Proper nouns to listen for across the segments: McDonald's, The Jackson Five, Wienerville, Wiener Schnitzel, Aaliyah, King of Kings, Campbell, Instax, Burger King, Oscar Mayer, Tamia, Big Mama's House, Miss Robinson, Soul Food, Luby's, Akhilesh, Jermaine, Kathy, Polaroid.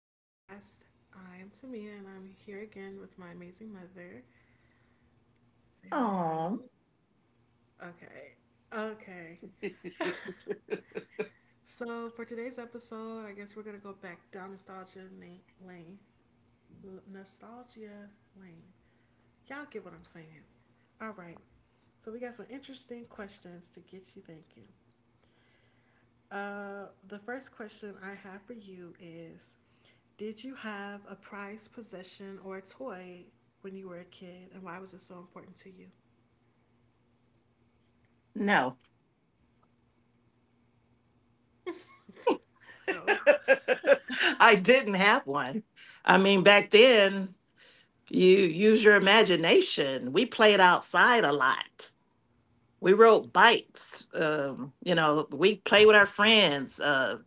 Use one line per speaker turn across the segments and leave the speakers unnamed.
podcast. I am Tamia, and I'm here again with my amazing mother. Say hi, mom.
Oh,
Okay. Okay. So for today's episode, I guess we're gonna go back down lane. Nostalgia lane. Y'all get what I'm saying. All right. So we got some interesting questions to get you thinking. The first question I have for you is, did you have a prized possession or a toy when you were a kid, and why was it so important to you?
no.
No.
I didn't have one. I mean, back then, you use your imagination. We played outside a lot. We rode bikes. We play with our friends.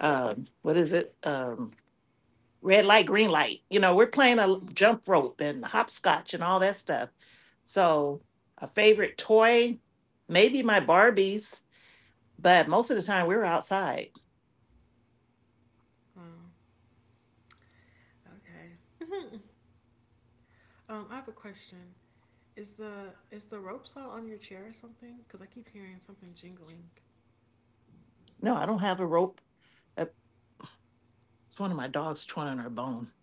What is it? Red light, green light. You know, we're playing a
Mm.
jump rope and hopscotch and all that stuff. So, a favorite toy, maybe my Barbies, but most of the time we were outside.
Oh, okay. I have a question. Is the rope saw on your chair or something? Because I keep hearing something jingling.
No, I don't have a rope. a, It's one of my dogs torn in her bone.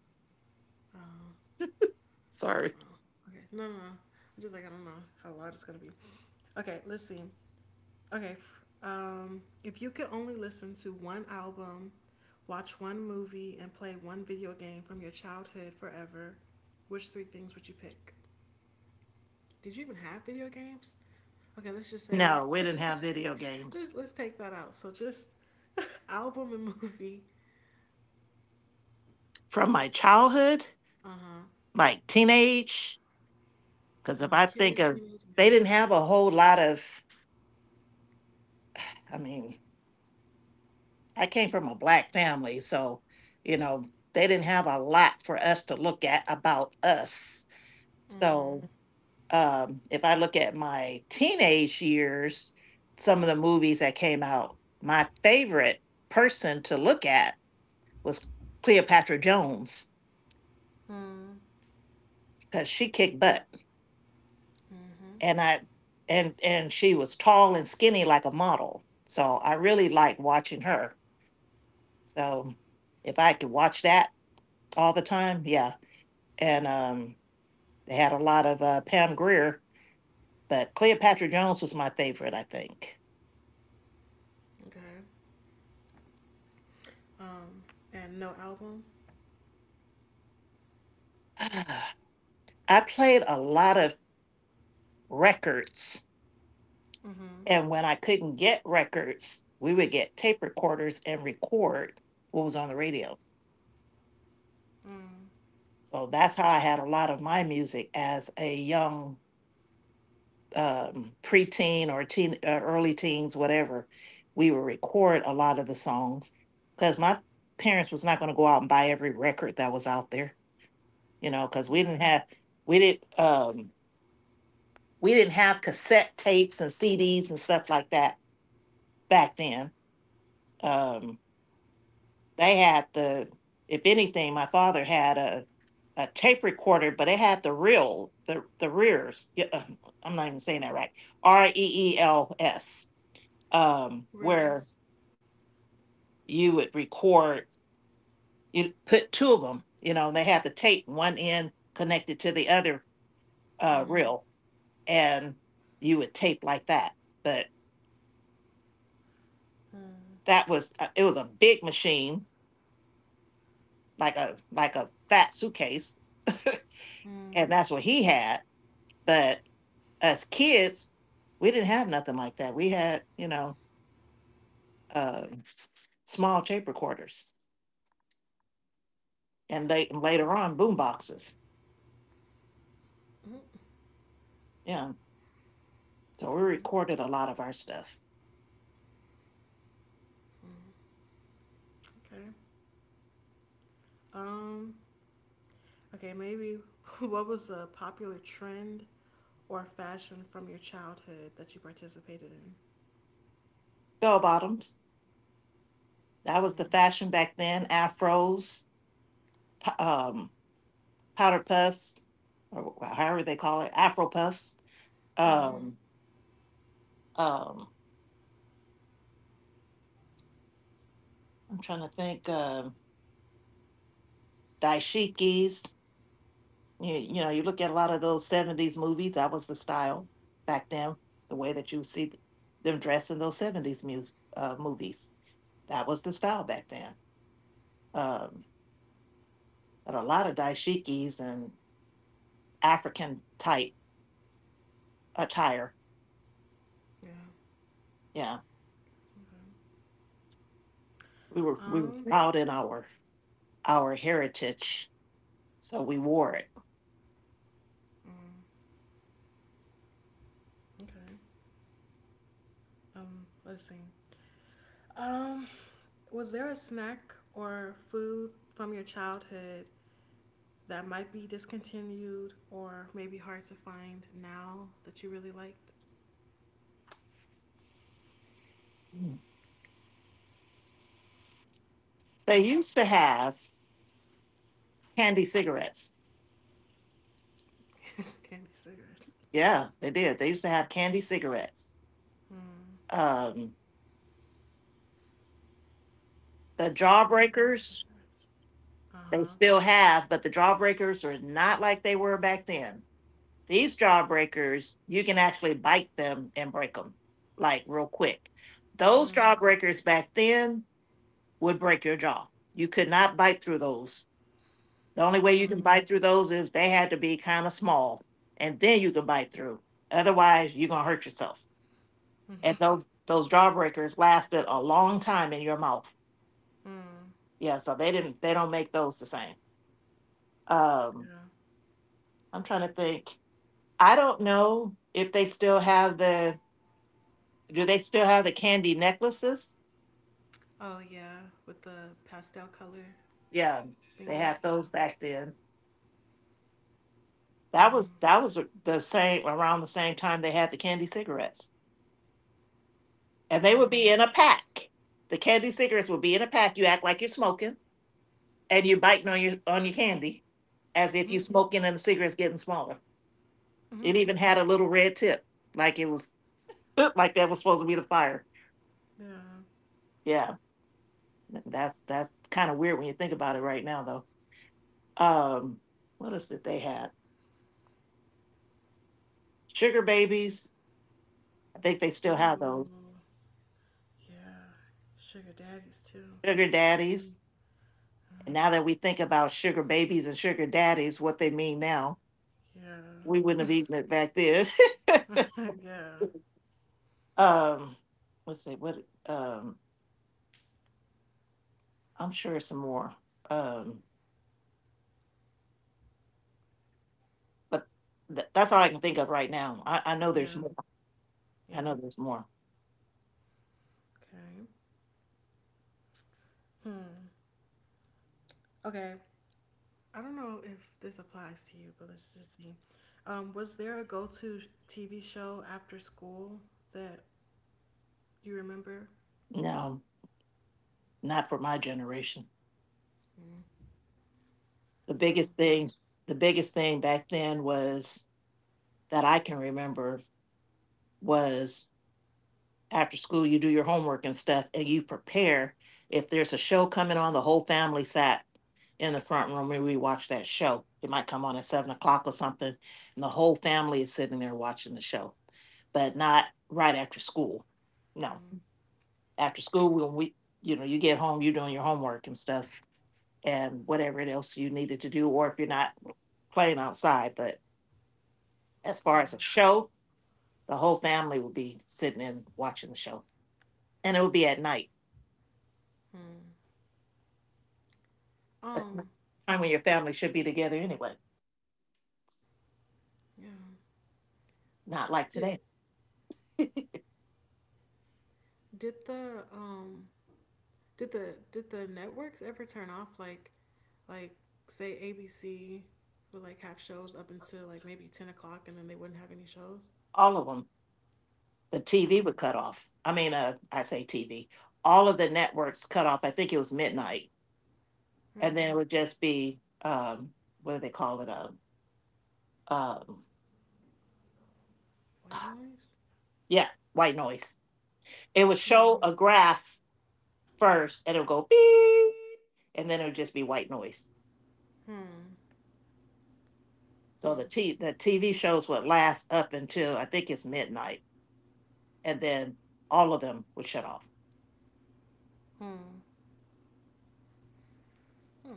Oh,
Sorry.
oh, okay. No, no, no. I'm just like, I don't know how loud it's gonna be. Okay, let's see. Okay. If you could only listen to one album, watch one movie, and play one video game from your childhood forever, which three things would you pick? Did you even have video games? Okay, let's just say
No, we didn't have
let's
video
let's,
games.
let's take that out. So just album and movie.
From my childhood,
Uh huh.
like teenage, because if I think
Kids,
of,
teenage, yeah.
they didn't have a whole lot of, I mean, I came from a black family, so, you know, they didn't have a lot for us to look at about us.
Mm-hmm.
So if I look at my teenage years, some of the movies that came out, my favorite person to look at was Cleopatra Jones
Mm.
because she kicked butt,
Mm-hmm.
and i and she was tall and skinny like a model, so I really like watching her. So if I could watch that all the time, yeah. and they had a lot of Pam Greer, but Cleopatra Jones was my favorite, I think.
Okay. Um, and no album.
I played a lot of records,
Mm-hmm.
and when I couldn't get records, we would get tape recorders and record what was on the radio.
Mm.
So that's how I had a lot of my music as a young preteen or teen, early teens, whatever. We would record a lot of the songs because my parents was not going to go out and buy every record that was out there, you know, because
Yeah.
we didn't um, we didn't have cassette tapes and CDs and stuff like that back then. Um, they had the If anything, my father had a tape recorder, but it had the real the rears. Yeah, I'm not even saying that right. reels, where
Reels.
you would record, you put two of them, you know, and they had the tape, one end connected to the other
Mm-hmm.
reel, and you would tape like that. But
Mm.
that was, it was a big machine, like a fat suitcase.
Mm.
And that's what he had. But as kids, we didn't have nothing like that. We had, you know, um, small tape recorders, and later on boom boxes. Yeah. So we
Okay,
recorded a lot of our stuff.
okay. Um, okay, maybe what was a popular trend or fashion from your childhood that you participated in?
Bell bottoms. That was the fashion back then. Afros, um, powder puffs, or however they call it, Afro puffs.
Hmm.
Um, um, I'm trying to think. Daishikis. You know, you look at a lot of those '70s movies. That was the style back then. The way that you see them dressed in those '70s mus uh, movies. That was the style back then. Um, but a lot of daishikis and African type attire.
Yeah.
Yeah.
Okay.
We were
Um.
proud in our heritage, so we wore it.
Mm. Okay. Let's see. Um. Was there a snack or food from your childhood that might be discontinued or maybe hard to find now that you really liked?
They
Mm,
used to have candy cigarettes.
candy cigarettes.
Yeah, they did. They used to have candy cigarettes.
Hmm.
Um, the
Candy
jawbreakers
second. Uh
they
huh.
still have, but the jawbreakers are not like they were back then. These jawbreakers, you can actually bite them and break them like real quick. Those
Mm.
jawbreakers back then would break your jaw. You could not bite through those. The only way you can
Mm.
bite through those is they had to be kind of small, and then you can bite through. Otherwise, you're gonna hurt yourself.
Mm.
And those jawbreakers lasted a long time in your mouth.
Mm.
Yeah, so they didn't. They don't make those the same. Um,
Yeah.
I'm trying to think. I don't know if they still have the. Do they still have the candy necklaces?
Oh yeah, with the pastel color
Yeah, they had
thingies. Yeah.
those back then. That
Mm.
was that was the same around the same time they had the candy cigarettes. And they would be
Mm.
in a pack. The candy cigarettes would be in a pack. You act like you're smoking, and you're biting on your candy, as if
Mhm.
you're smoking, and the cigarette's getting smaller. It even
Mhm.
had a little red tip, like it was like that was supposed to be the fire.
Yeah.
Yeah, that's kind of weird when you think about it right now, though. Um, what else did they have? Sugar babies. I think they still have
Ooh.
those.
Yeah. Sugar daddies too.
Sugar
I mean.
daddies. And now that we think about sugar babies and sugar daddies, what they mean now, we wouldn't
Yeah.
have eaten it back then.
yeah.
Um, let's see what I'm sure some more. Um, but that's all I can think of right now. I know there's
Yeah.
more. I
Yeah.
know there's more.
Okay. Hmm. Okay. I don't know if this applies to you, but let's just see. Was there a TV show after school that you remember?
No, not for my generation.
Mm.
The
So
biggest
y'all
thing,
just
the biggest thing back then was that I can remember was after school you do your homework and stuff, and you prepare. If there's a show coming on, the whole family sat in the front room and we watch that show. It might come on at 7 o'clock or something, and the whole family is sitting there watching the show, but not right after school. No,
mm,
after school, when we you know you get home, you're doing your homework and stuff and whatever else you needed to do, or if you're not, playing outside. But as
yeah.
far as a show, the whole family would be sitting in watching the show, and it would be at night
Mm. Um,
time when your family should be together anyway,
yeah.
not like
Did
today.
did the um did the did the networks ever turn off, like say ABC would, like, have shows up until like maybe 10 o'clock and then they wouldn't have any shows?
All of them. The TV
Mm.
would cut off. I mean, I say TV. All of the networks cut off. I think it was midnight, and then it
Hmm.
would just be what do they call it? Um,
White noise.
yeah, white noise. It would show
Hmm.
a graph first, and it would go beep, and then it would just be white noise.
Hmm.
So
Hmm.
the TV shows would last up until I think it's midnight, and then all of them would shut off.
Hmm. Hmm.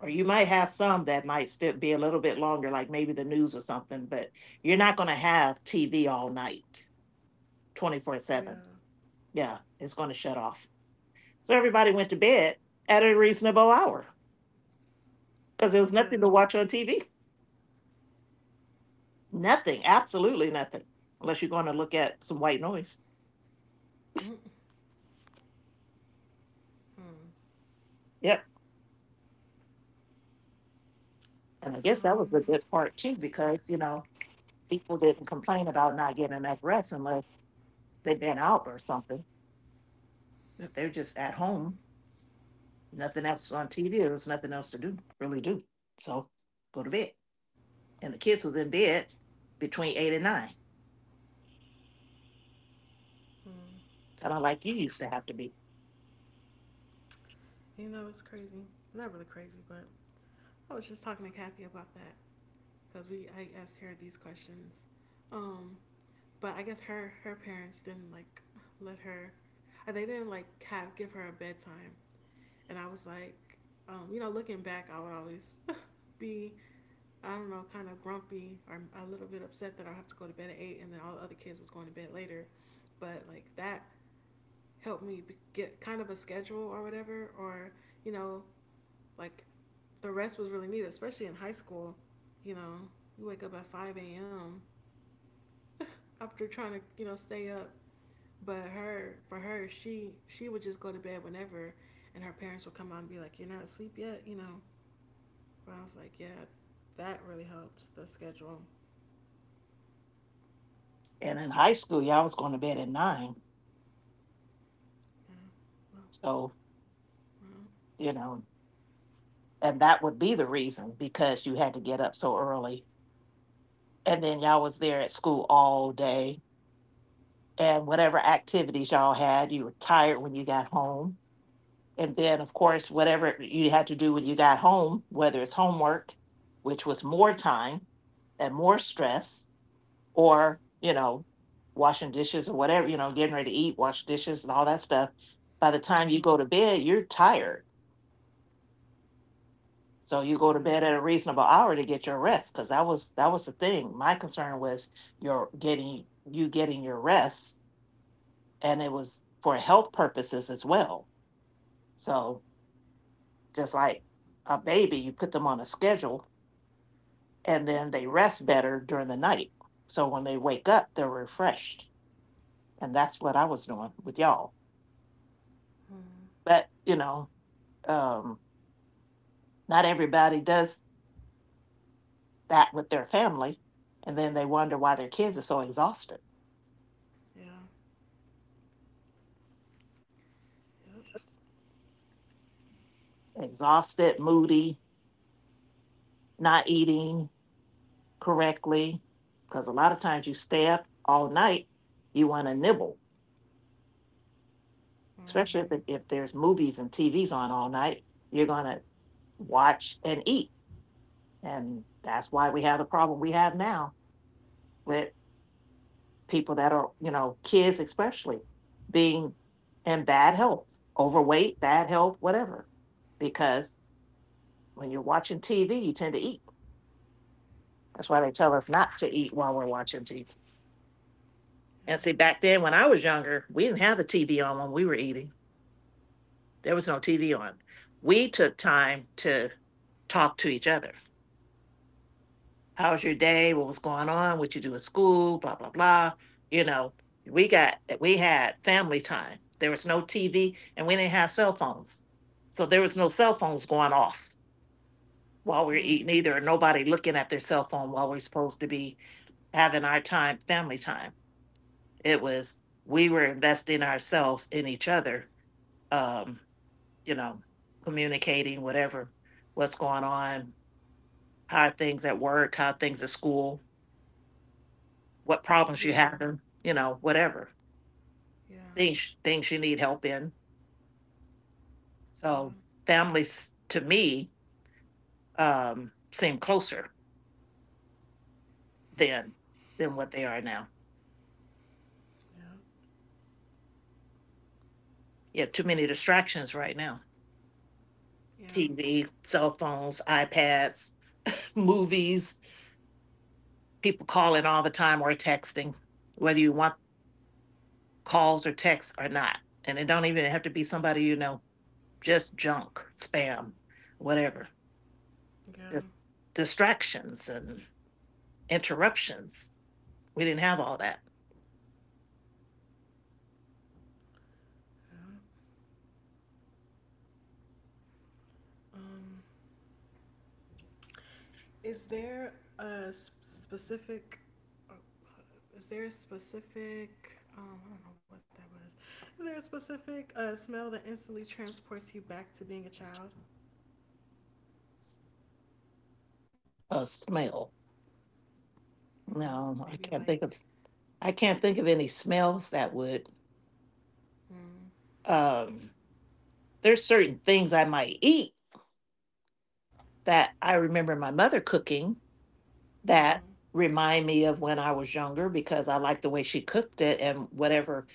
Or you might have some that might still be a little bit longer, like maybe the news or something, but you're not going to have TV all night, 24
Yeah.
7. Yeah, it's going to shut off. So everybody went to bed at a reasonable hour because there
Yeah.
was nothing to watch on TV. Nothing, absolutely nothing, unless you're going to look at some white noise.
Hmm. Hmm.
Yep. And I guess that was
Um.
a good part too, because, you know, people didn't complain about not getting enough rest unless they'd been out or something. If they're just at
Yeah.
home, nothing else on TV. There was nothing else to do, really do. So go to bed. And the kids was in bed between eight and nine,
Hmm.
kind of like you used to have to be.
You know, it's crazy. Not really crazy, but I was just talking to Kathy about that because we I asked her these questions. Um, but I guess her parents didn't like let her, or they didn't like have give her a bedtime. And I was like, you know, looking back, I would always be, I don't know, kind of grumpy or a little bit upset that I have to go to bed at eight, and then all the other kids was going to bed later. But like that helped me get kind of a schedule or whatever, or, you know, like, the rest was really needed, especially in high school. You know, you wake up at 5 a.m. after trying to, you know, stay up. But her, for her, she would just go to bed whenever, and her parents would come out and be like, "You're not asleep yet," you know. But I was like, "Yeah, that really helped the schedule."
And in high school, y'all was going to bed at nine.
Yeah. Well,
So, you know, and that would be the reason, because you had to get up so early. And then y'all was there at school all day. And whatever activities y'all had, you were tired when you got home. And then, of course, whatever you had to do when you got home, whether it's homework, which was more time and more stress, or, you know, washing dishes or whatever, you know, getting ready to eat, wash dishes and all that stuff. By the
well.
time you go
Mhm.
to bed, you're tired. So you go to
Yeah.
bed at a reasonable hour to get your rest, because that was the thing. My concern was you getting your rest, and it was for health purposes as well. So just like a baby, you put them on a schedule and then they rest better during the night. So when they wake up, they're refreshed. And that's what I was doing with y'all.
Mhm.
But, you know, um, not everybody does that with their family. And then they wonder why their kids are so exhausted,
Yeah. Yep.
exhausted, moody, not eating correctly. Because a lot of times you stay up all night, you want to nibble, especially if,
Mhm.
if there's movies and TVs on all night, you're going to watch and eat. And that's why we have the problem we have now with people that are, you know, kids especially, being in bad health, overweight, bad health, whatever. Because when you're watching TV, you tend to eat. That's why they tell us not to eat while we're watching TV. And see,
Yeah.
back then when I was younger, we didn't have the TV on when we were eating. There was no TV on. We took time to talk to each other. How's your day? What was going on? What you do at school? Blah, blah, blah. You know, we had family time. There was no TV and we didn't have cell phones. So there was no cell phones going off while we were eating
Hmm.
either, or nobody looking at their cell phone while we're supposed to be having our time, family time. It was, we were investing ourselves in each other, um, you know, communicating, whatever, what's going on, how are things at work, how are things at school, what problems you
Yeah.
have, and whatever
Yeah.
things you need help in,
Yeah.
so families to me seem closer than than what they are now.
Yeah.
You have too many distractions right now:
Yeah.
TV, cell phones, iPads, movies, people calling all the time or texting, whether you want calls or texts or not. And it don't even have to be somebody you know, just junk, spam, whatever.
Yeah.
Just distractions and interruptions. We didn't have all that.
Um, is there a specific? Oh, is there a specific? I don't know what that was. Is there a specific smell that instantly transports you back to being a child?
A smell.
Mm-hmm.
No, I
Maybe
can't think
like
of I can't think of any smells that would—
mm,
um there's certain things I might eat that I remember my mother cooking that
mm-hmm.
remind me of when I was younger because I like the way she cooked it, and whatever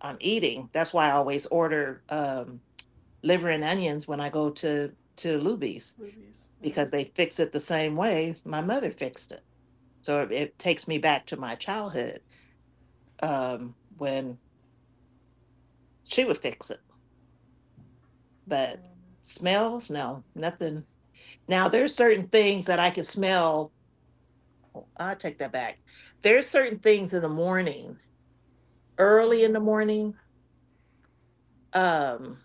I'm eating. That's why I always order liver and onions when I go to Luby's,
Movies.
because they
Mm,
fix it the same way my mother fixed it. So it takes me back to my childhood when she would fix it. But
mm,
smells? No, nothing. Now there's certain things that I can smell. I take that back. There's certain things in the morning, early in the
mm-hmm.
morning. Um,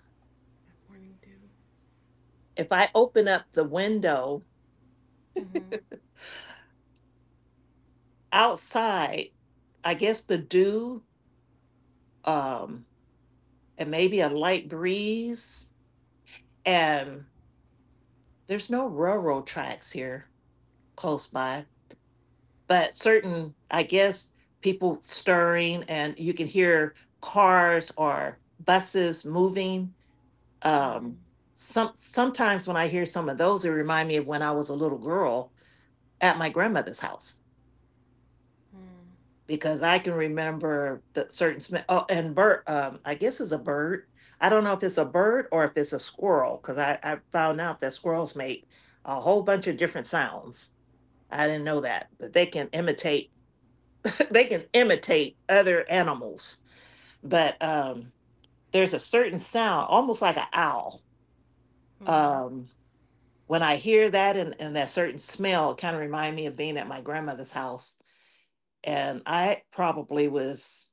That morning dew.
if I open up the window
Mm-hmm.
outside, I guess the dew, um, and maybe a light breeze, and there's no railroad tracks here close by, but certain, I guess, people stirring, and you can hear cars or buses moving. Um,
Mm-hmm.
sometimes when I hear some of those, it remind me of when I was a little girl at my grandmother's house,
Mm-hmm.
because I can remember the certain smell. Oh, and bird, I guess it's a bird. I don't know if it's a bird or if it's a squirrel, because I found out that squirrels make a whole bunch of different sounds. I didn't know that, but they can imitate other animals. But there's a certain sound, almost like an owl.
Mm-hmm.
Um, when I hear that and that certain smell, it kind of remind me of being at my grandmother's house. And I probably was—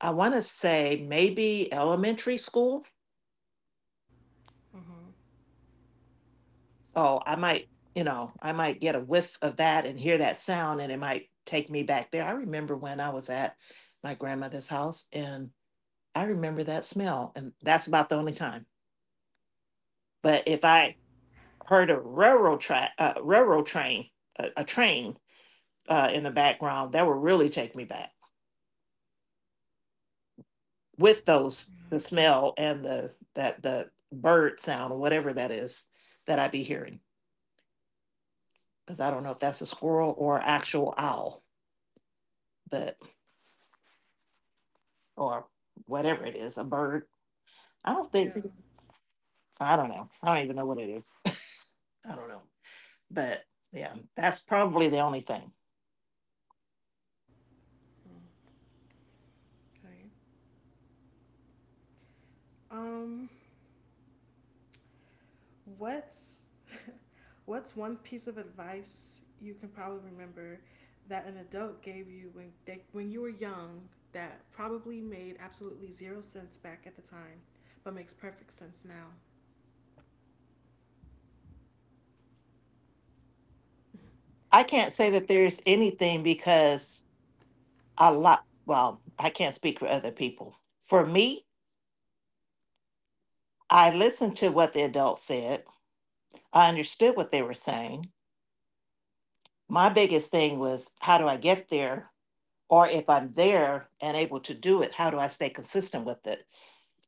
I want to say maybe elementary school.
Mm-hmm.
So I might get a whiff of that and hear that sound, and it might take me back there. I remember when I was at my grandmother's house, and I remember that smell. And that's about the only time. But if I heard a railroad track, railroad train, a train, in the background, that would really take me back with those— the smell and the— that the bird sound, or whatever that is, that I'd be hearing. Because I don't know if that's a squirrel or actual owl, but— or whatever it is, a bird. I don't think
Yeah.
I don't know. I don't even know what it is. I don't know. But yeah, that's probably the only thing.
Okay. Um. What's what's one piece of advice you can probably remember that an adult gave you when they, when you were young, that probably made absolutely zero sense back at the time, but makes perfect sense now?
I can't
Cause
say
I
that
c-
there's anything because well, I can't speak for other people. For me, I listened to what the adults said, I understood what they were saying. My biggest thing was, how do I get there? Or if I'm there and able to do it, how do I stay consistent with it?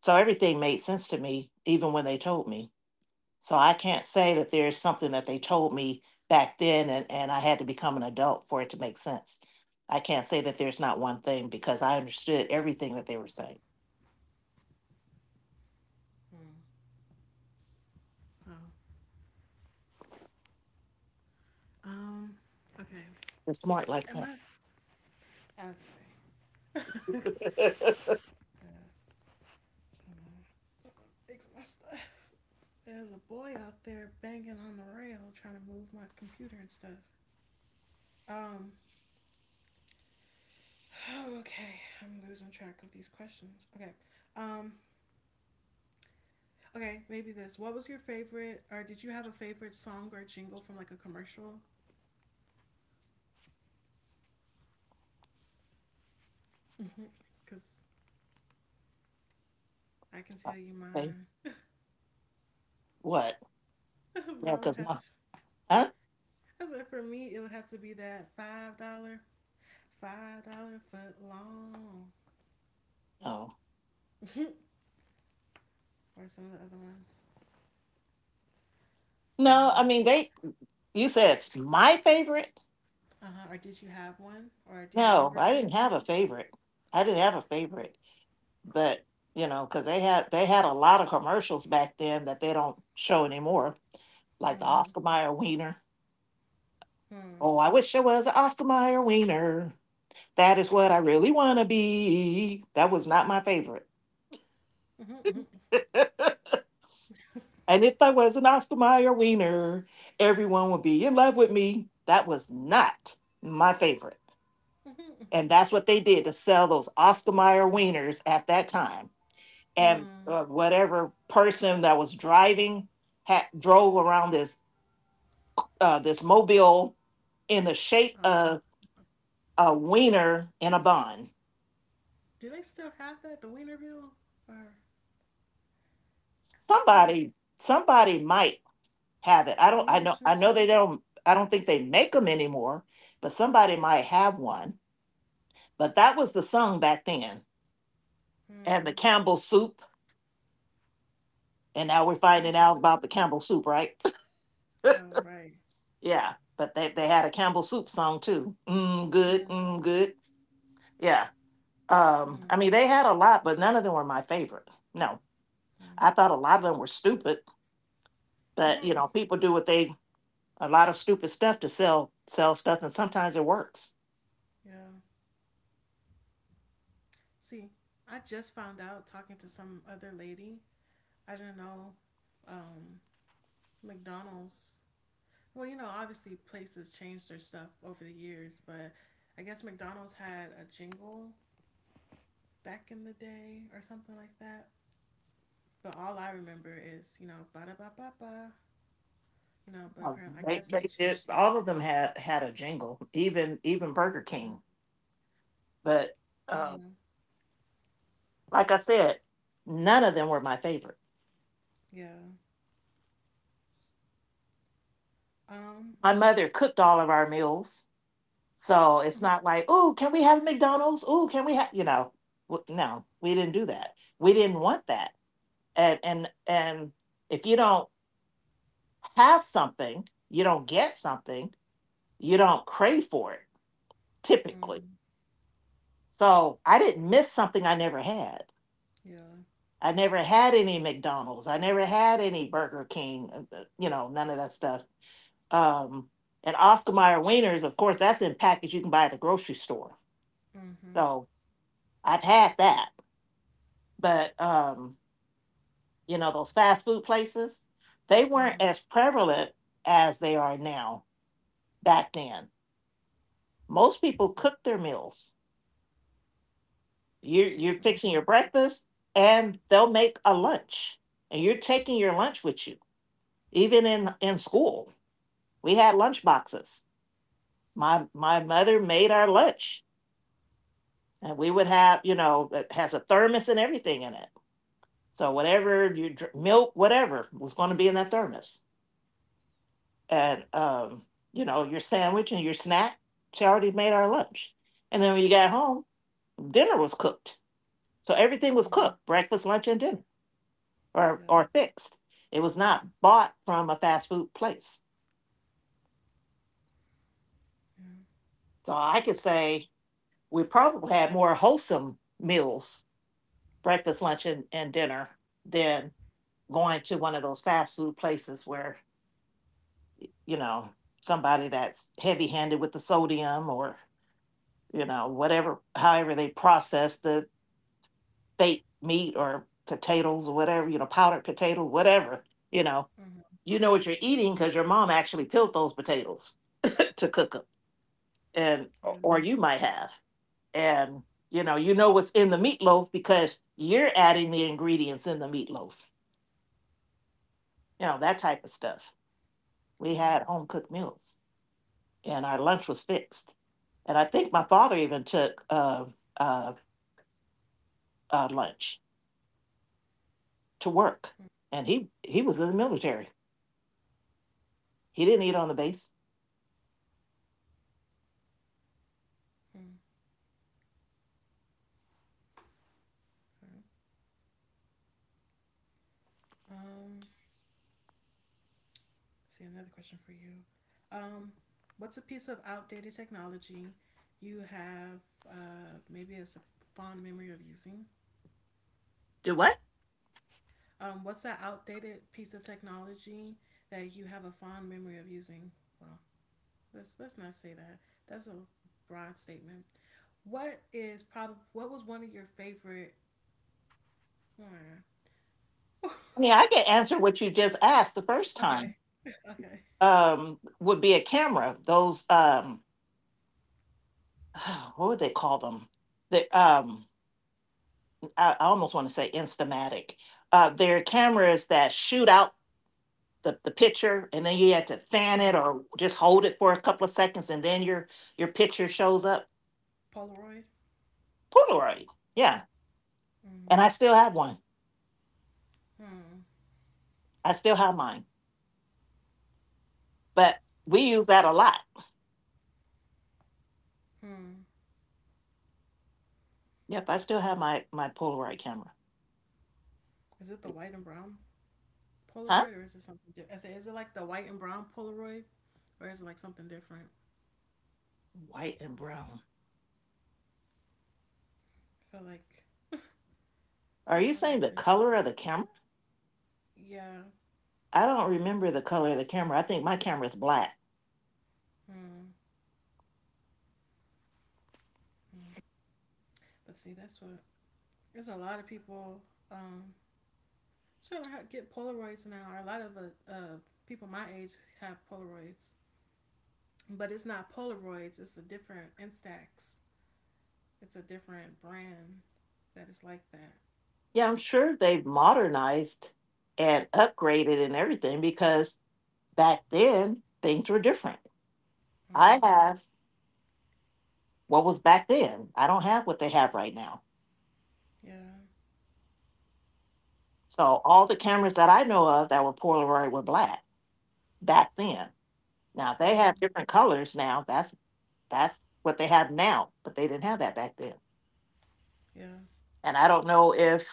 So everything made sense to me, even when they told me. So I can't say that there's something that they told me back then, and I had to become an adult for it to make sense. I can't say that there's not one thing, because I understood everything that they were saying.
hmm. Oh, um okay.
They're smart like
am I okay.
that.
Uh, hold on. Fix my stuff. There's a boy out there banging on the rail trying to move my computer and stuff. Um, Oh, okay. I'm losing track of these questions. Okay. Um, okay, maybe this. What was your favorite, or did you have a favorite song or jingle from like a commercial? Because I can tell you
Okay.
mine.
What? Yeah,
mine would
because
have
my—
to,
huh?
for me, it would have to be that $5, dollar, $5 foot long,
No.
or some of the other ones.
No,
Um,
I mean they— you said my favorite?
uh-huh. Or did you have one? Or do you
No,
remember
I
any
didn't
of
have
them?
a favorite. I didn't have a favorite. But you know, because they had a lot of commercials back then that they don't show anymore, like the
Mm-hmm.
Oscar Mayer wiener.
Hmm.
Oh, I wish I was an Oscar Mayer wiener, that is what I really want to be. That was not my favorite.
Mm-hmm.
And if I was an Oscar Mayer wiener, everyone would be in love with me. That was not my favorite.
Mm-hmm. Mm-hmm.
And that's what they did to sell those Oscar Mayer wieners at that time. And
Hmm.
whatever person that was driving drove around this mobile in the shape
Uh,
of a wiener in a bun.
do they still have that? The Wienerville? Or I feel like
Somebody might have it. I don't. I
Wiener
know. I know they
Schnitzel.
don't. I don't think they make them anymore, but somebody might have one. But that was the song back then, and the
Hmm.
Campbell soup. And now we're finding
Campbell
out
soup
about the Campbell
schnitzel.
soup, right?
Oh right.
Yeah. But they had a Campbell soup song too. Mm, good.
Hmm.
Mm, good. Yeah.
Hmm.
I mean, they had a lot, but none of them were my favorite. No,
Hmm.
I thought a lot of them were stupid. But you
Mhm.
know, people do what they a lot of stupid stuff to sell stuff, and sometimes it works.
Yeah. See, I just found out talking to some other lady. I didn't know, um, McDonald's. Well, you know, obviously places changed their stuff over the years, but I guess McDonald's had a jingle back in the day or something like that. But all I remember is, you know, ba da ba ba ba. You know, but apparently, I guess they
They did,
changed it.
all of them had a jingle, even Burger
Uh,
King. But uh,
mm,
like I said, none of them were my favorite.
yeah. Um.
My mother cooked all of our meals, so it's
Mhm,
not like, oh, can we have McDonald's? Oh, can we have, you know? No, we didn't do that. We didn't want that. And if you don't have something, you don't get something, you don't crave for it. Typically.
mm,
So I didn't miss something I never had.
yeah.
I never had any McDonald's. I never had any Burger King, none of that stuff. Um, and Oscar Mayer wieners, of course, that's in package you can buy at the grocery store.
Mhm.
So I've had that. But, those fast food places, they weren't
Mhm.
as prevalent as they are now back then. Most people cooked their meals. You're fixing your
Mhm.
breakfast, and they'll make a lunch, and you're taking your lunch with you. Even in school, we had lunch boxes. My mother made our lunch, and we would have, it has a thermos and everything in it. So whatever your milk, whatever was going to be in that thermos, and your sandwich and your snack, she already made our lunch. And then when you got home, dinner was cooked. So everything was
Mhm.
cooked: breakfast, lunch, and dinner,
Yeah.
or fixed. It was not bought from a fast food place.
Yeah.
So I could say we probably had more wholesome meals, breakfast, lunch, and dinner, than going to one of those fast food places where, you know, somebody that's heavy handed with the sodium, or, you know, whatever however they process the fake meat or potatoes or whatever, powdered potato, whatever, you know.
Mhm.
You know what you're eating because your mom actually peeled those potatoes to cook them. And— or
Yeah.
you might have— and you know what's in the meatloaf because you're adding the ingredients in the meatloaf, that type of stuff. We
Yeah.
had home cooked meals, and our lunch was fixed. And I think my father even took, uh, lunch to work.
Mhm.
And he was in the military. He didn't eat on the base.
Alright. Um, let's see, another question for you. Um. What's a piece of outdated technology you have? Maybe it's a fond memory of using.
Do what?
What's that outdated piece of technology that you have a fond memory of using? Wow. Let's not say that. That's a broad statement. What is prob what was one of your favorite hmm.
I mean, I can answer what you just asked the first time.
Okay. Okay.
Would be a camera, those— what would they call them, the— almost want to say instamatic. There are cameras that shoot out the picture, and then you had to fan it or just hold it for a couple of seconds, and then your picture shows up.
Polaroid?
Polaroid, yeah. And
Mm.
I still have one.
Hmm.
I still have mine, but we
You could,
use that a lot.
hmm.
Yep, I still have my Polaroid camera.
Is it the white and brown
Huh?
Polaroid or is it something different? Is it like the white and brown Polaroid or is it like something different?
White and brown.
I feel
Are
like a
you
lot of
saying
the
the
things.
color of the camera?
Yeah.
I don't remember the color of the camera. I think my camera is black.
Hmm. Hmm. But see, that's what there's a lot of people, um, sure, I get Polaroids now. Or a lot of people my age have Polaroids, but it's not Polaroids. It's a different Instax. It's a different brand that is like that.
Yeah, I'm sure they've modernized and upgraded and everything because back then things were different. I
Mm,
have what was back then. I don't have what they have right now.
yeah,
So all the cameras that I know of that were Polaroid were black back then. Now they have
mm,
different colors now. That's what they have now, but they didn't have that back then.
yeah,
And I don't know if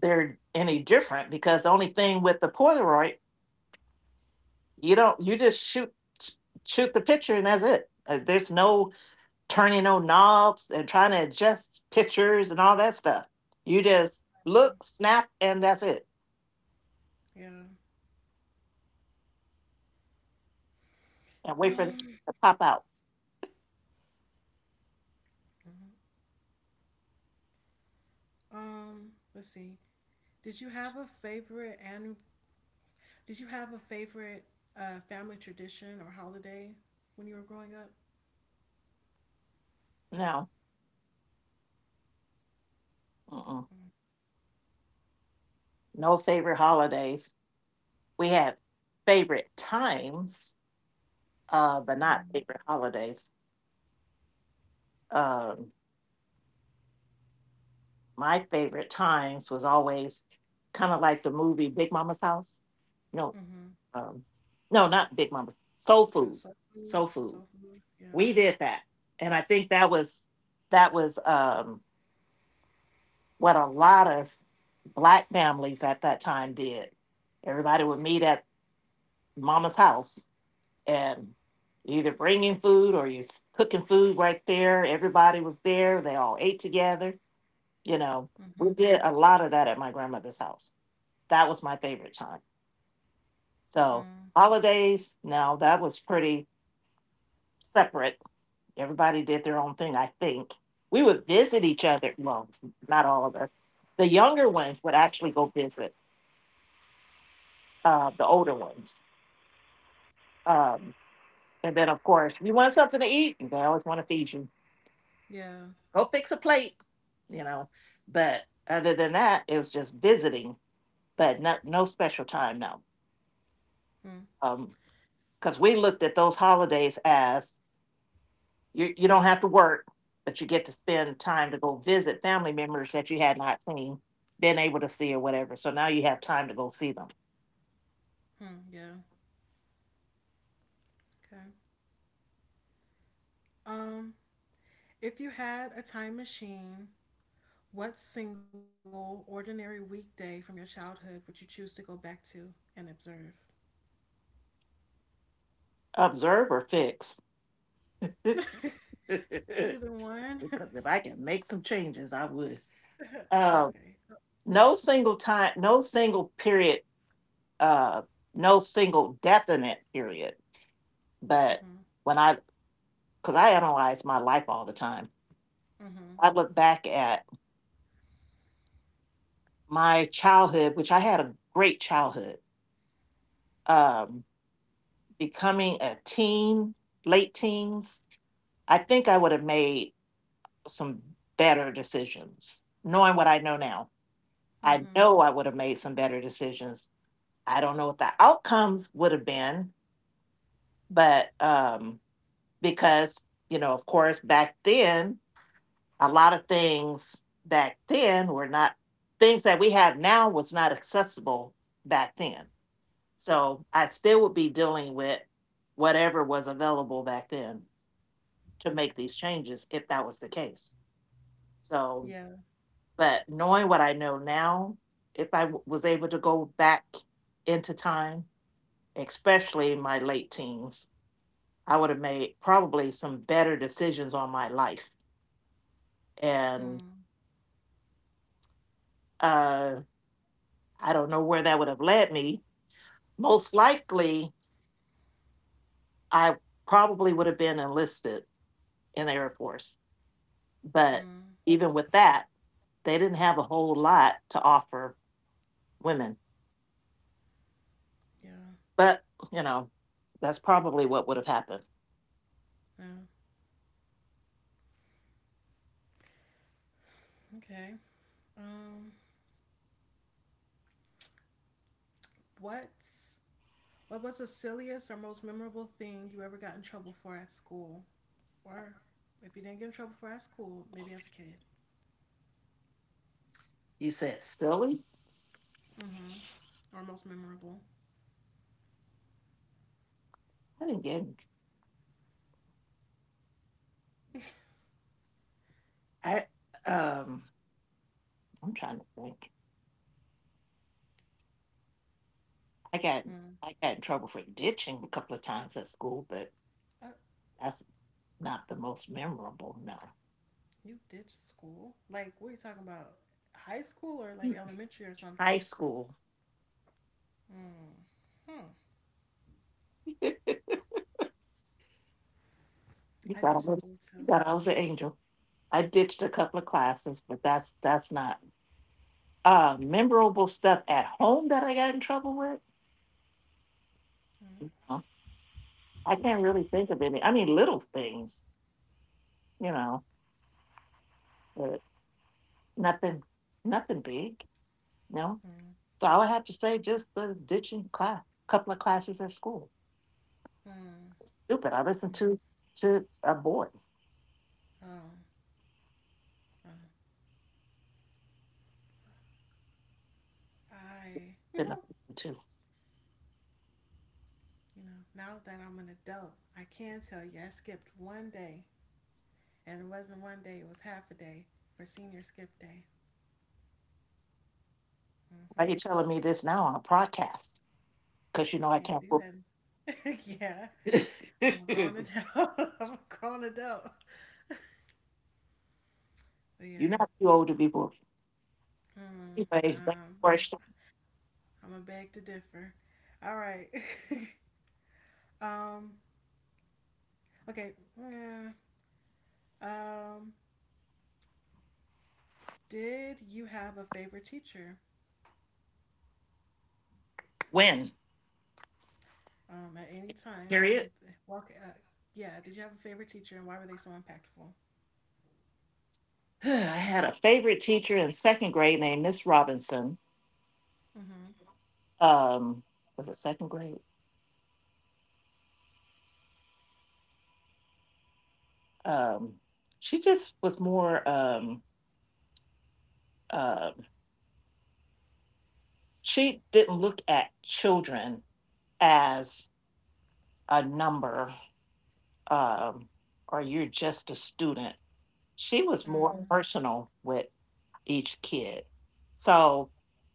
they're any different because, the only thing with the Polaroid, you don't you just shoot the picture, and that's it. There's no turning on knobs and trying to adjust pictures and all that stuff. You just look, snap, and that's it.
yeah.
And wait for this
Um,
to pop out.
Let's see. Did you have a favorite and did you have a favorite family tradition or holiday when you were growing up?
No, mm-mm.
Mm-hmm.
No favorite holidays. We have favorite times, but not
Mm-hmm.
favorite holidays. Um, my favorite times was always kind of like the movie Big Mama's House. No,
Mm-hmm.
um, no, not Big Mama. Soul Food. Soul Food,
Soul food. Yeah.
we did that, and I think that was that was what a lot of black families at that time did. Everybody would meet at mama's house and either bringing food or cooking food right there. Everybody was there, they all ate together, you know we
Mm-hmm.
did a lot of that at my grandmother's house. That was my favorite time. So
Mm.
holidays now, that was pretty separate. Everybody did their own thing, I think. We would visit each other. Well, not all of us. The younger ones would actually go visit the older ones. Um, and then, of course, you want something to eat, they always want to feed you.
Yeah.
Go fix a plate, you know. But other than that, it was just visiting, but not, no special time, no.
Hmm.
Because we looked at those holidays as, you don't have to work, but you get to spend time to go visit family members that you had not seen, been able to see or whatever. So now you have time to go see them.
Hmm. Yeah. Okay. Um, if you had a time machine, what single ordinary weekday from your childhood would you choose to go back to and observe?
Observe or fix. Because
Either one.
if I can make some changes, I would. Uh,
okay.
no single time, no single period, uh, no single definite period. But
Mm-hmm.
when I, because I analyze my life all the time,
Mm-hmm.
I look back at my childhood, which I had a great childhood. Um, Becoming a teen, late teens, I think I would have made some better decisions. Knowing what I know now, I
Mm-hmm.
know I would have made some better decisions. I don't know what the outcomes would have been, but because, you know, of course, back then, a lot of things back then were not things that we have now, was not accessible back then. So I still would be dealing with whatever was available back then to make these changes if that was the case. So,
Yeah.
but knowing what I know now, if was able to go back into time, especially in my late teens, I would have made probably some better decisions on my life. And
Mm-hmm.
uh, I don't know where that would have led me. Most likely, I probably would have been enlisted in the Air Force. But even with that, they didn't have a whole lot to offer women.
Yeah.
But, you know, that's probably what would have happened.
Yeah. Okay. Um, what's what was the silliest or most memorable thing you ever got in trouble for at school? Or if you didn't get in trouble for at school, maybe as a kid.
You said silly?
Mm-hmm. Or most memorable.
I didn't get in, I um I'm trying to think. I got
Mm.
I got in trouble for ditching a couple of times at school, but
Uh,
that's not the most memorable. No,
you ditched school? Like, what are you talking about? High school or like elementary or
high
something?
school.
Mm. Hmm.
you
I
thought I
ditched
was
school
you
too.
thought I was an angel. I ditched a couple of classes, but that's not memorable. Stuff at home that I got in trouble with,
Mm.
no. I can't really think of any. I mean, little things, you know, but Nothing nothing big, no.
Mm.
So I would have to say just the ditching cla couple of classes at school.
Mm.
Stupid, I listened
Mm.
to a boy,
Oh, oh. I, you
you know,
know,
too.
now that I'm an adult, I can tell you I skipped one day. And it wasn't one day, it was half a day for senior skip day.
Why
Hmm.
you telling me this now on a podcast? Because you
You
know I
can't
can't
do
book.
nothing. yeah, I'm a grown adult. I'm a grown adult.
You're
Yeah.
not too old to be booked.
Hmm.
Anyway, next question.
I'm gonna beg to differ. All right. um. Okay. Yeah. Um. Did you have a favorite teacher?
When?
At any time
Period.
and walk. Yeah. Did you have a favorite teacher and why were they so impactful?
I had a favorite teacher in second grade named Miss Robinson.
Mm-hmm.
Um, was it second grade? Um, she just was more um she didn't look at children as a number, um, or you're just a student. She was more
Hmm.
personal with each kid. So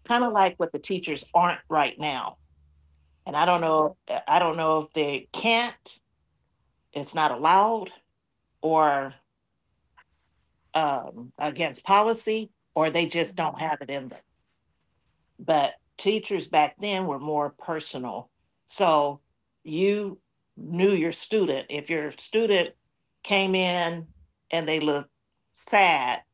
kind of like what the teachers aren't right now. And I don't
Yeah.
know, I don't know if they can't, it's not allowed or against policy, or they just don't
Mm-hmm.
have it in them. But teachers back then were more personal. So you knew your student. If your student came in and they looked sad,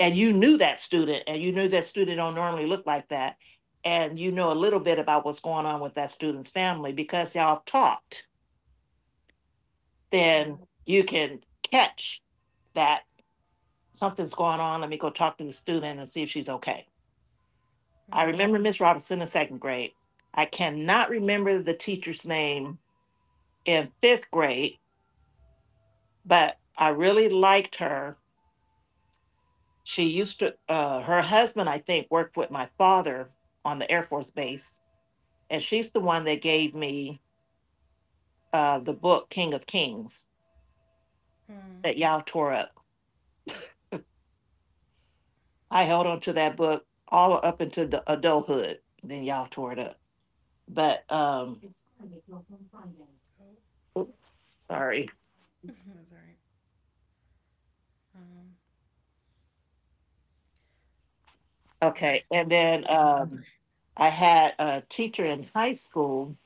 and you knew that student, and you knew that student don't normally look like that, and you know a little bit about what's going on with that student's family because y'all talked, then
Yeah.
you can catch that something's going on. Let me go talk to the student and see if she's okay. I
Hmm.
remember Miss Robinson in second grade. I cannot remember the teacher's name in fifth grade, but I really liked her. She used to, her husband, I think, worked with my father on the Air Force Base, and she's the one that gave me the book King of Kings
Hmm.
that y'all tore up.
Oh.
I held on to that book all up into the adulthood. Then y'all tore it up. But
Oh. Oh.
sorry.
That's all right. Um.
Okay,
Okay.
and
I'm gonna
then
keep talking.
I had a teacher in high school,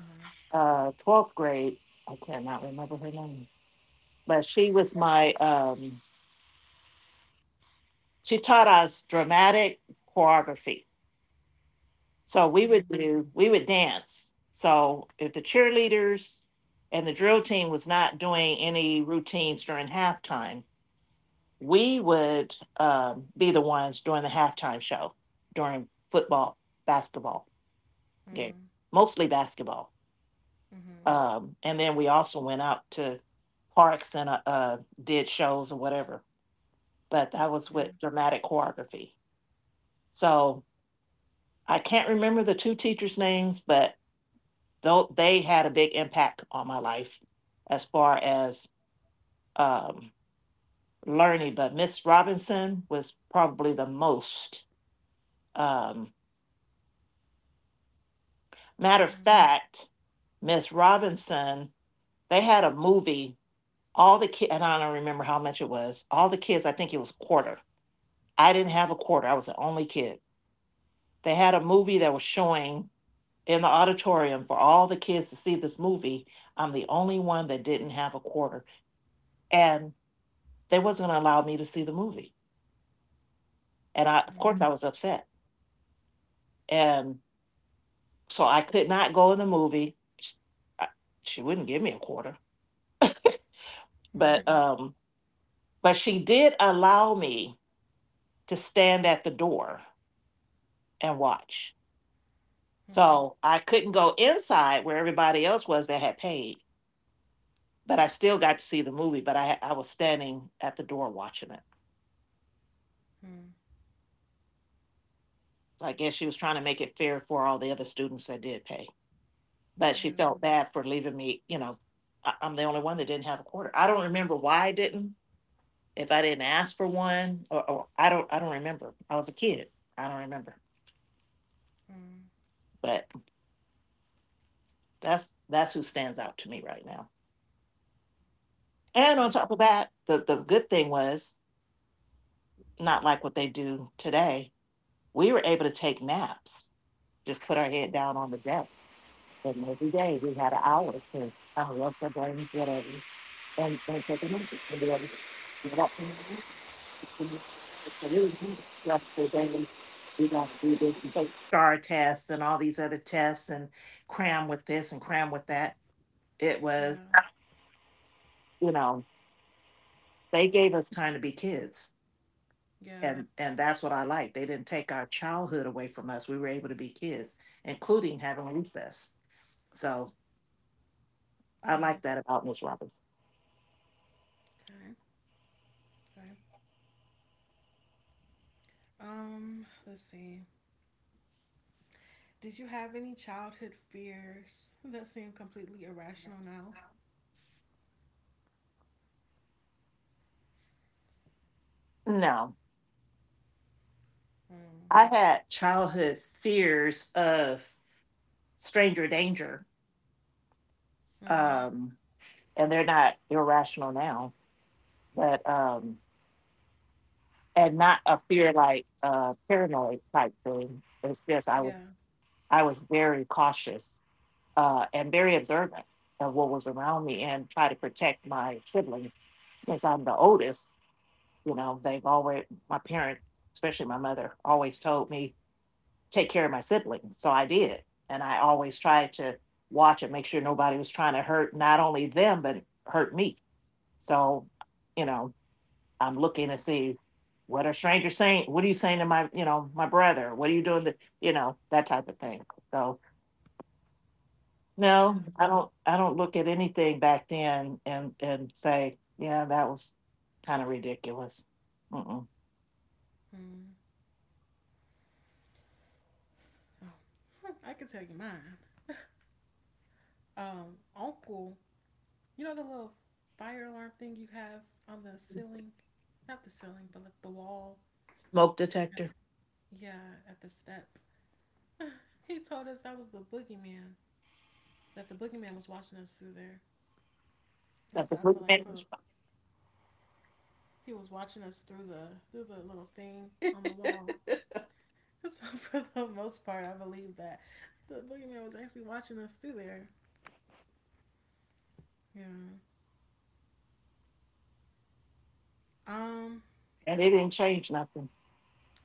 uh huh.
12th grade. I cannot remember her name, but she was my. She taught us dramatic choreography, so
Hmm.
we would dance. So if the cheerleaders and the drill team was not doing any routines during halftime, we would be the ones doing the halftime show during football, basketball game,
Hmm.
mostly basketball.
Mm-hmm.
And then we also went out to parks and did shows or whatever. But that was
Yeah.
with dramatic choreography. So I can't remember the two teachers' names, but though they had a big impact on my life as far as um, learning. But Miss Robinson was probably the most. Um, Matter of
Hmm.
fact, Miss Robinson, they had a movie. All the kids, and I don't remember how much it was. All the kids, I think it was a quarter. I didn't have a quarter. I was the only kid. They had a movie that was showing in the auditorium for all the kids to see this movie. I'm the only one that didn't have a quarter. And they wasn't going to allow me to see the movie. And I, of course,
Hmm.
I was upset. And so I could not go in the movie. I- She wouldn't give me a quarter, but
Hmm.
um, but she did allow me to stand at the door and watch.
Mm,
So I couldn't go inside where everybody else was that had paid, but I still got to see the movie, but I was standing at the door watching it.
mm,
So I guess she was trying to make it fair for all the other students that did pay. But she
yeah.
felt bad for leaving me, you know, I'm the only one that didn't have a quarter. I don't remember why I didn't, if I didn't ask for one, or I don't, I don't remember. I was a kid. I don't remember.
Mm,
But that's who stands out to me right now. And on
okay.
top of that, the good thing was, not like what they do today. We were able to take naps, just put our head down on the desk. But every day we had an hour to wash our brains, whatever, and take a minute to be able to get up and to to really do the stressful daily. We got to do this and take star tests and all these other tests and cram with this and cram with that. It
Yeah.
was, you know, they gave us time to be kids.
Yeah.
And that's what I like. They didn't take our childhood away from us. We were able to be kids, including having recess. So I like
Mm,
that about Miss Roberts.
okay. Okay. Let's see. Did you have any childhood fears that seem completely irrational now?
No,
Mm,
I had childhood fears of stranger danger,
mm,
um, and they're not irrational now, but and not a fear like paranoid type thing. It's just
yeah.
I was very cautious and very observant of what was around me and try to protect my siblings. Since I'm the oldest, you know, they've always my parents, especially my mother, always told me take care of my siblings. So I did. And I always tried to watch and make sure nobody was trying to hurt not only them, but hurt me. So, you know, I'm looking to see, what are strangers saying? What are you saying to my, you know, my brother? What are you doing? To, you know, that type of thing. So
Yeah.
no, I don't look at anything back then and say, yeah, that was kind of ridiculous. Mm-mm.
Mm. Oh, I can tell you mine. Uncle, you know the little fire alarm thing you have on the ceiling? Not the ceiling, but like the wall.
Smoke detector.
Yeah, at the step. he told us that was the boogeyman, that the boogeyman was watching us through there, and
That's
so
a
I feel
good
like for
thing.
he was watching us through the little thing on the wall. And so for the most part, I believe that the boogeyman was actually watching us through there. Yeah. Um.
And it didn't change nothing.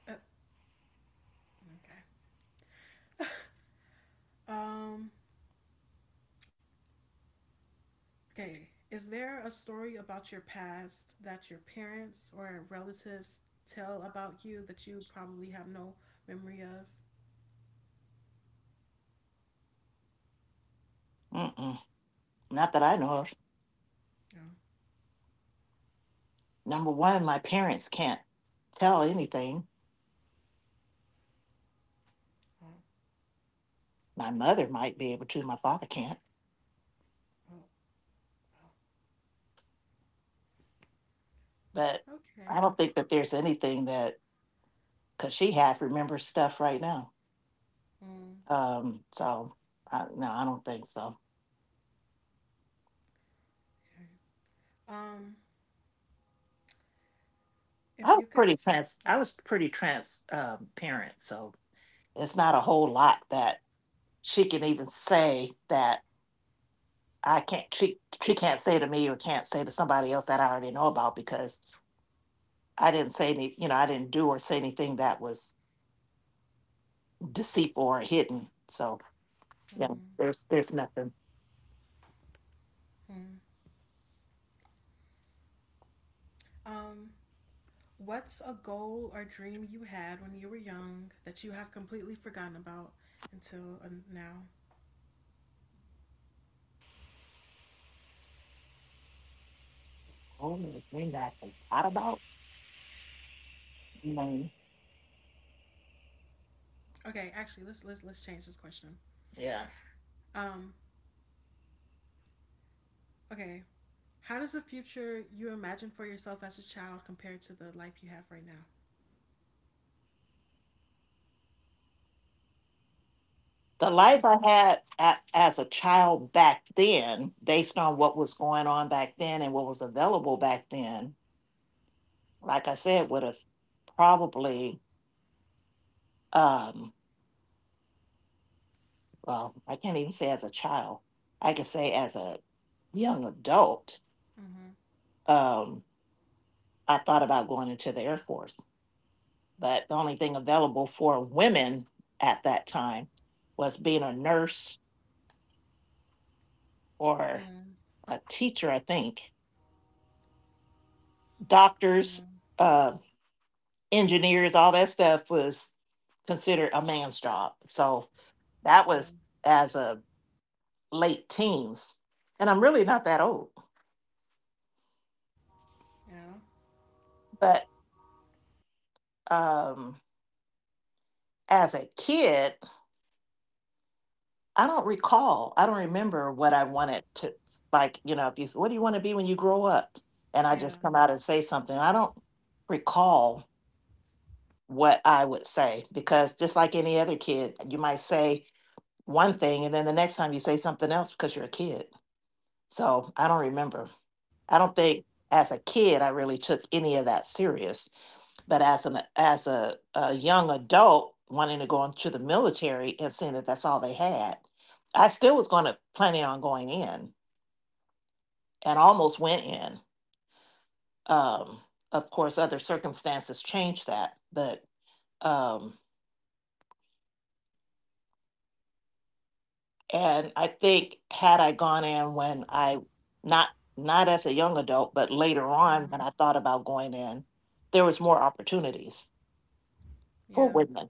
Uh, okay. Um. Okay. Is there a story about your past that your parents or relatives tell about you that you probably have no memory of?
Mm-mm. Not that I know of.
No.
Number one, my parents can't tell anything.
Oh,
My mother might be able to, my father can't.
oh, oh.
But
Okay.
I don't think that there's anything that, because she half remembers stuff right now.
Mm,
So I, no, I don't think so.
okay. Um. If you could,
I
oh,
was pretty transparent, so it's not a whole lot that she can even say that I can't. She can't say to me or can't say to somebody else that I already know about because I didn't say any. You know, I didn't do or say anything that was deceitful or hidden. So yeah, there's nothing.
mhm. Um, what's a goal or dream you had when you were young that you have completely forgotten about until, now?
Oh, the thing that I forgot about. No.
Okay, actually, let's change this question.
Yeah,
Um, okay, how does the future you imagine for yourself as a child compare to the life you have right now?
the life I had at, as a child back then, based on what was going on back then and what was available back then, like I said, would have probably. Um, well, I can't even say as a child. I could say as a young adult.
Mhm.
Um, I thought about going into the Air Force but the only thing available for women at that time was being a nurse or
Mhm.
a teacher, I think. Doctors, uh, engineers, all that stuff was considered a man's job. So that
Yeah.
was as a late teens. And I'm really not that old,
Yeah.
but um, as a kid, I don't recall. I don't remember what I wanted to like, you know, if you said, what do you want to be when you grow up? And I
Yeah.
just come out and say something. I don't recall what I would say because just like any other kid, you might say one thing and then the next time you say something else because you're a kid. So I don't remember. I don't think as a kid I really took any of that serious. But as a young adult wanting to go into the military and seeing that that's all they had, I still was going to planning on going in and almost went in. Um, of course, other circumstances changed that, but um, and I think had I gone in when I not not as a young adult, but later on when
Mhm.
I thought about going in, there was more opportunities for
Yeah.
women.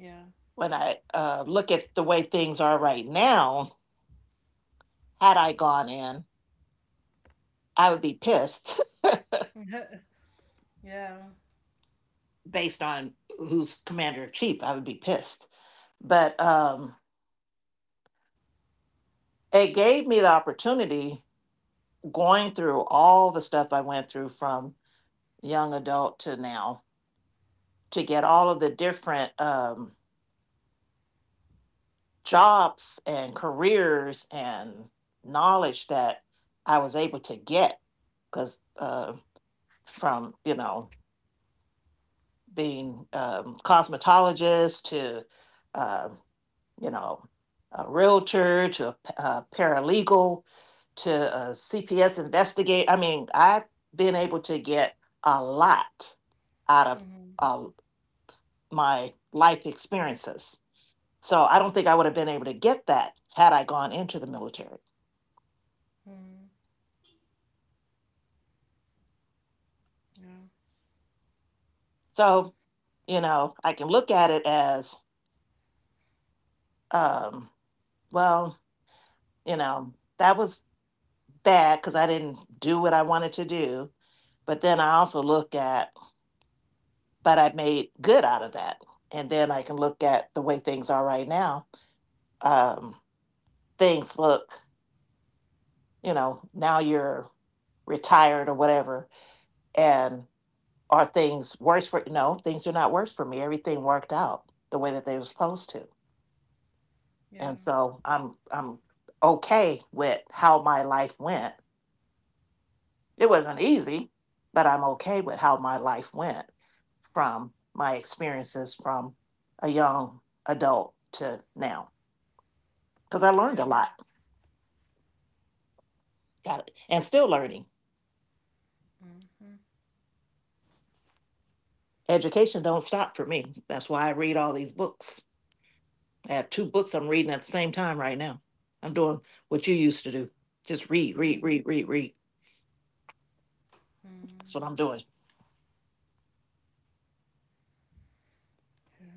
Yeah.
When I look at the way things are right now, had I gone in, I would be pissed
yeah.
based on who's commander in chief. I would be pissed. But it gave me the opportunity going through all the stuff I went through from young adult to now to get all of the different jobs and careers and knowledge that I was able to get because from, you know, being cosmetologist to uh, you know, a realtor to a paralegal to a CPS investigate. I mean, I've been able to get a lot out of
Mhm.
uh, my life experiences. So I don't think I would have been able to get that had I gone into the military.
Mhm. Yeah.
So, you know, I can look at it as, um, well, you know, that was bad because I didn't do what I wanted to do. But then I also look at but I made good out of that. And then I can look at the way things are right now. Um, Things look, you know, now you're retired or whatever. And are things worse for, no, things are not worse for me. Everything worked out the way that they were supposed to.
Yeah.
And so I'm okay with how my life went. It wasn't easy, but I'm okay with how my life went from my experiences from a young adult to now, because I learned a
Yeah.
lot. Got it. And still learning. Education don't stop for me. That's why I read all these books. I have two books I'm reading at the same time right now. I'm doing what you used to do. Just read, read,
Mhm.
read, read, read. That's
Mm,
what I'm doing.
yeah.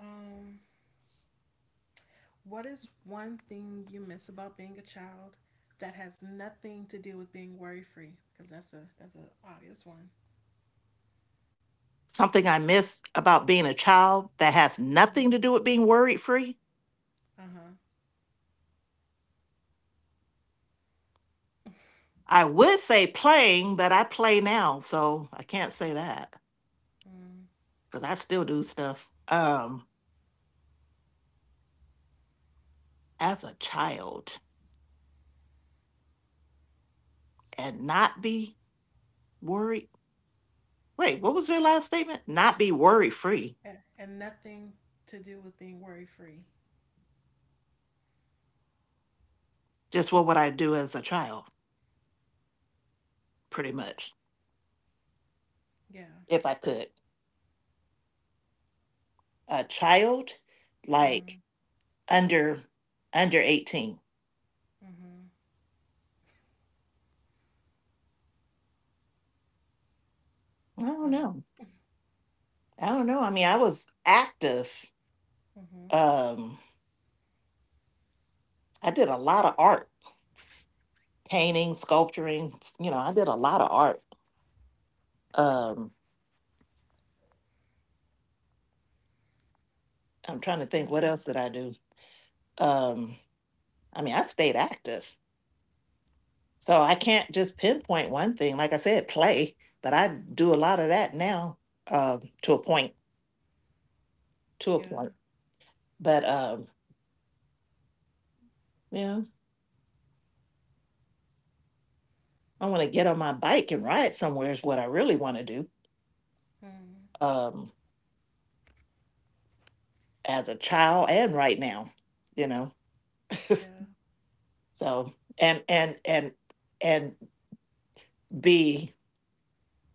Um, what is one thing you miss about being a child that has nothing to do with being worry free? Because that's a obvious one.
Something I miss about being a child that has
Mm-hmm.
nothing to do with being worried free.
Uh huh.
I would say playing, but I play now, so I can't say that
Mm.
because I still do stuff. As a child and not be worried. Wait, what was your last statement? Not be worry free.
And, nothing to do with being worry free.
Just what would I do as a child, pretty much,
Yeah.
if I could. A child,
Mm-hmm.
like under under 18.
Mm-hmm.
I don't know.
Oh.
I don't know. I mean, I was active.
Mm-hmm.
Um, I did a lot of art, painting, sculpturing. You know, I did a lot of art. Um, I'm trying to
Yeah.
think, what else did I do? Um, I mean, I stayed active. So I can't just pinpoint one thing. Like I said, play, but I do a lot of that now, to a point, to a
Yeah.
point. But you know, I want to get on my bike and ride somewhere is what I really want to do.
Mm.
Um, as a child and right now, you know.
Yeah.
So and be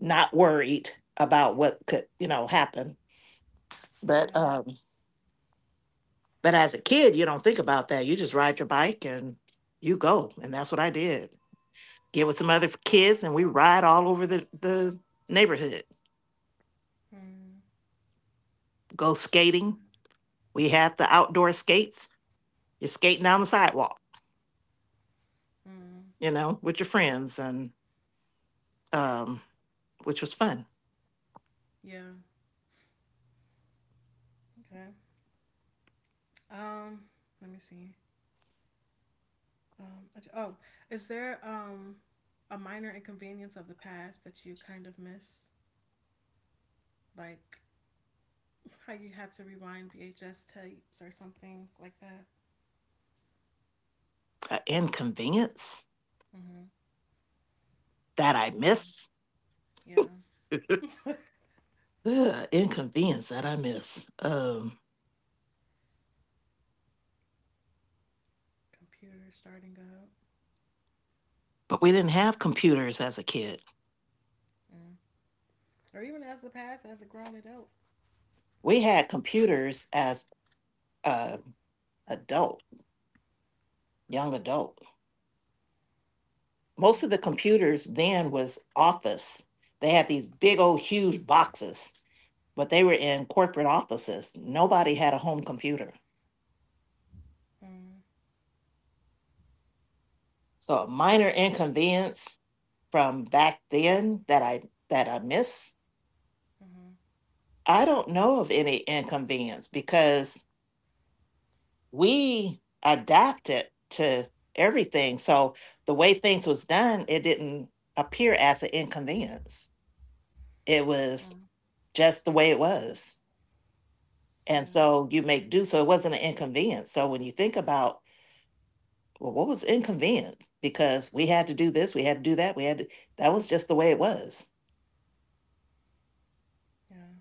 not worried about what could, you know, happen. But
Yeah.
um, but as a kid, you don't think about that. You just ride your bike and you go. And that's what I did. Get with some other kids and we ride all over the neighborhood.
Mm.
Go
Yeah.
skating. We have the outdoor skates. You're skating down the sidewalk,
Mm.
you know, with your friends and um which was fun.
Yeah. Okay. Um. Let me see. Um, oh, is there a minor inconvenience of the past that you kind of miss? Like how you had to rewind VHS tapes or something like that?
Inconvenience
Mm-hmm.
that I
Um,
miss.
yeah.
Ugh, inconvenience that I miss.
Computer starting up.
But we didn't have computers as a kid.
Mm. Or even as the past, as a grown adult.
We had computers as a adult, young adult. Most of
Mm,
the computers then was office. They had these big old huge boxes, but they were in corporate offices. Nobody had a home computer.
mm,
So a minor inconvenience from back then that I miss.
mm-hmm,
I don't know of any inconvenience because we adapted to everything. So the way things was done, it didn't appear as an inconvenience. It was
mm,
just the way it was. And
yeah,
so you make do. So it wasn't an inconvenience. So when you think about, well, what was inconvenience? Because we had to do this, we had to do that, we had to, that was just the way it was.
yeah.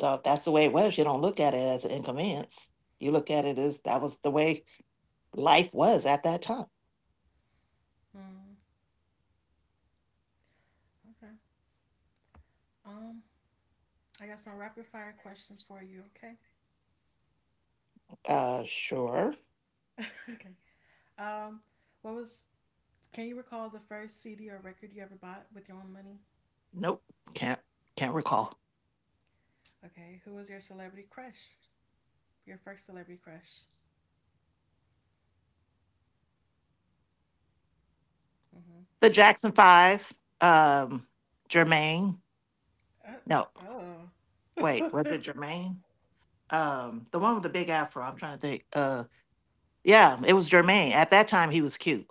So if that's the way it was, you don't look at it as an inconvenience. You look at it as that was the way life was at that time.
Mm, okay. Um, I got some rapid fire questions for you, okay?
Sure.
okay. Um, what was, can you recall the first CD or record you ever bought with your own money?
Nope. Can't, can't recall.
Okay. Who was your celebrity crush? Your first celebrity crush?
The
Mm-hmm.
Jackson Five, um, Jermaine. No, wait, was
Oh.
it Jermaine? The one with the big afro. I'm trying to think. Yeah, it was Jermaine. At that time, he was cute.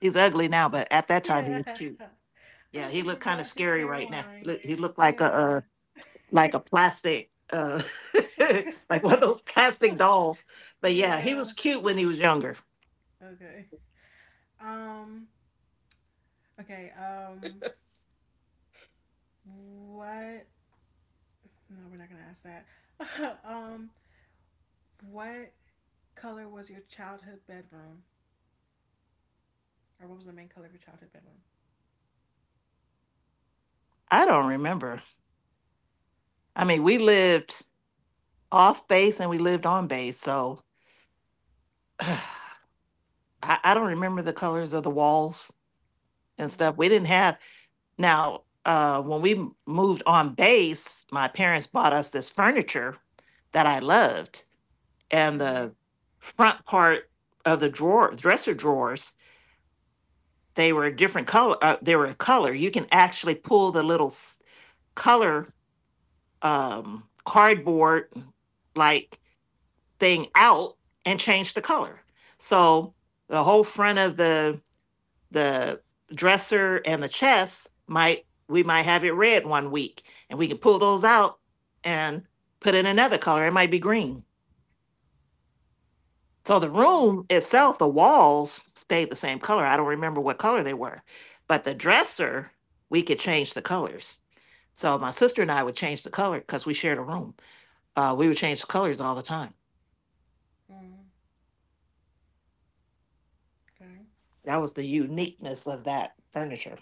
He's ugly now, but at that time, he was
yeah.
cute. Yeah,
I'm
he
thinking
looked kind of
about his
scary right now.
hairline.
Look, he looked like a
Yeah.
like a plastic, like one of those plastic dolls. But yeah, he
yeah.
was cute when he was younger.
Okay. Um. Okay. What? No, we're not gonna ask that. um. What color was your childhood bedroom, or what was the main color of your childhood bedroom?
I don't remember. I mean, we lived off base and we lived on base, so I, I don't remember the colors of the walls and
Hmm.
stuff. We didn't have. Now, when we moved on base, my parents bought us this furniture that I loved, and
Mm-hmm.
the front part of the drawer, dresser drawers, they were a different color. They were a color. You can actually pull the little color cardboard like thing out and change the color. So the whole front of the dresser and the chest might, we might have it red 1 week and we can pull those out and put in another color, it might be green. So the
Yeah.
room
Hmm.
itself, the walls stayed the same color, I don't remember what color they were, but the dresser, we could change the colors. So my sister and I would change the color because we shared a room. We would change the colors all the time.
Mm, okay.
That was the uniqueness of that furniture,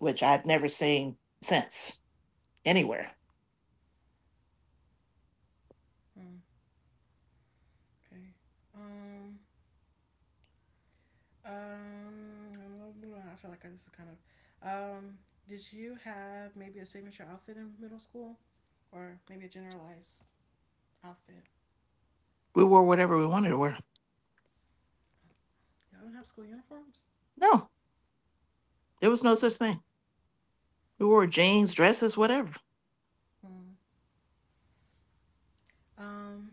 which I've never seen since anywhere.
Mm, okay. Um. Um. I feel like this is kind of. Did you have maybe a signature outfit in middle school, or maybe a generalized outfit?
We wore whatever we wanted to wear.
Y'all don't have school uniforms.
No. There was no such
Mm,
thing. We wore jeans, dresses, whatever.
mm. Um.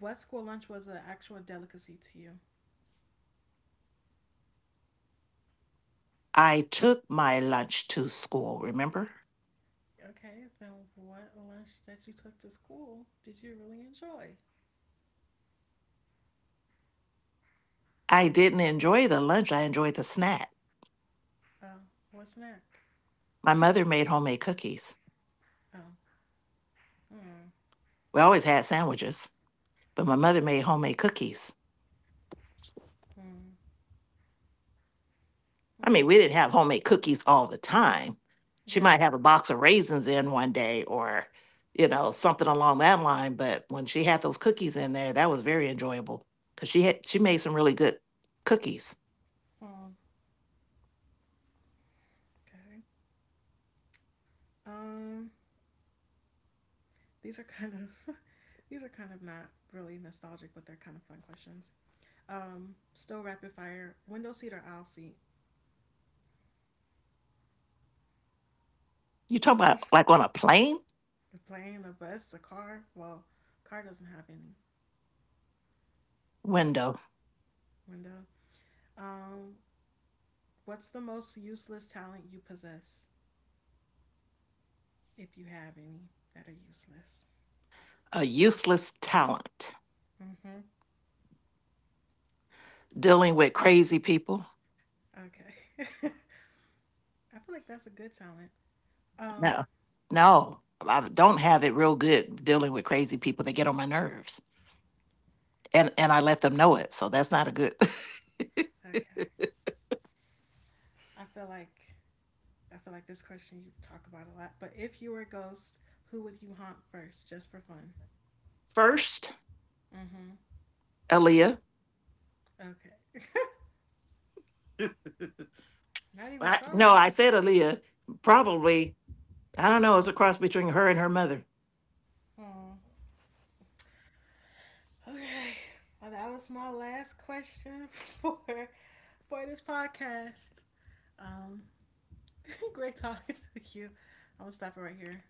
What school lunch was an actual delicacy to you?
I took my lunch to school, remember?
Okay. Then what lunch that you took to school did you really enjoy?
I didn't enjoy the lunch, I enjoyed the snack.
Uh. What snack?
My mother made homemade cookies.
Oh. Mm.
We always had sandwiches, but my mother made homemade cookies.
Mm.
I
Mm.
mean, we didn't have homemade cookies all the time. She
Yeah.
might have a box of raisins in one day or, you know, something along that line, but when she had those cookies in there, that was very enjoyable cuz she made some really good cookies.
Um. Okay. Um, these are kind of these are kind of not really nostalgic, but they're kind of fun questions. Still rapid fire. Window seat or aisle seat?
You talking about like on a plane
A plane, a bus, a car? Well, car doesn't have any
window?
window. Um, what's the most useless talent you possess, if you have any that are useless?
A useless talent,
Mm-hmm.
dealing with crazy people.
Okay. I feel like that's a good talent. Um,
No. No, I don't have it real good dealing with crazy people. They get on my nerves, and I let them know it. So that's not a good.
okay. I feel like I feel like this question you talk about a lot, but if you were a ghost, who would you haunt first, just for fun?
First,
Mm-hmm.
Aaliyah.
Okay. Not even
I, no,
Shara.
I said Aaliyah. Probably, I don't know. It's a cross between her and her mother.
Oh. Okay. Well, that was my last question for this podcast. Um, great talking to you. I'm gonna stop it right here.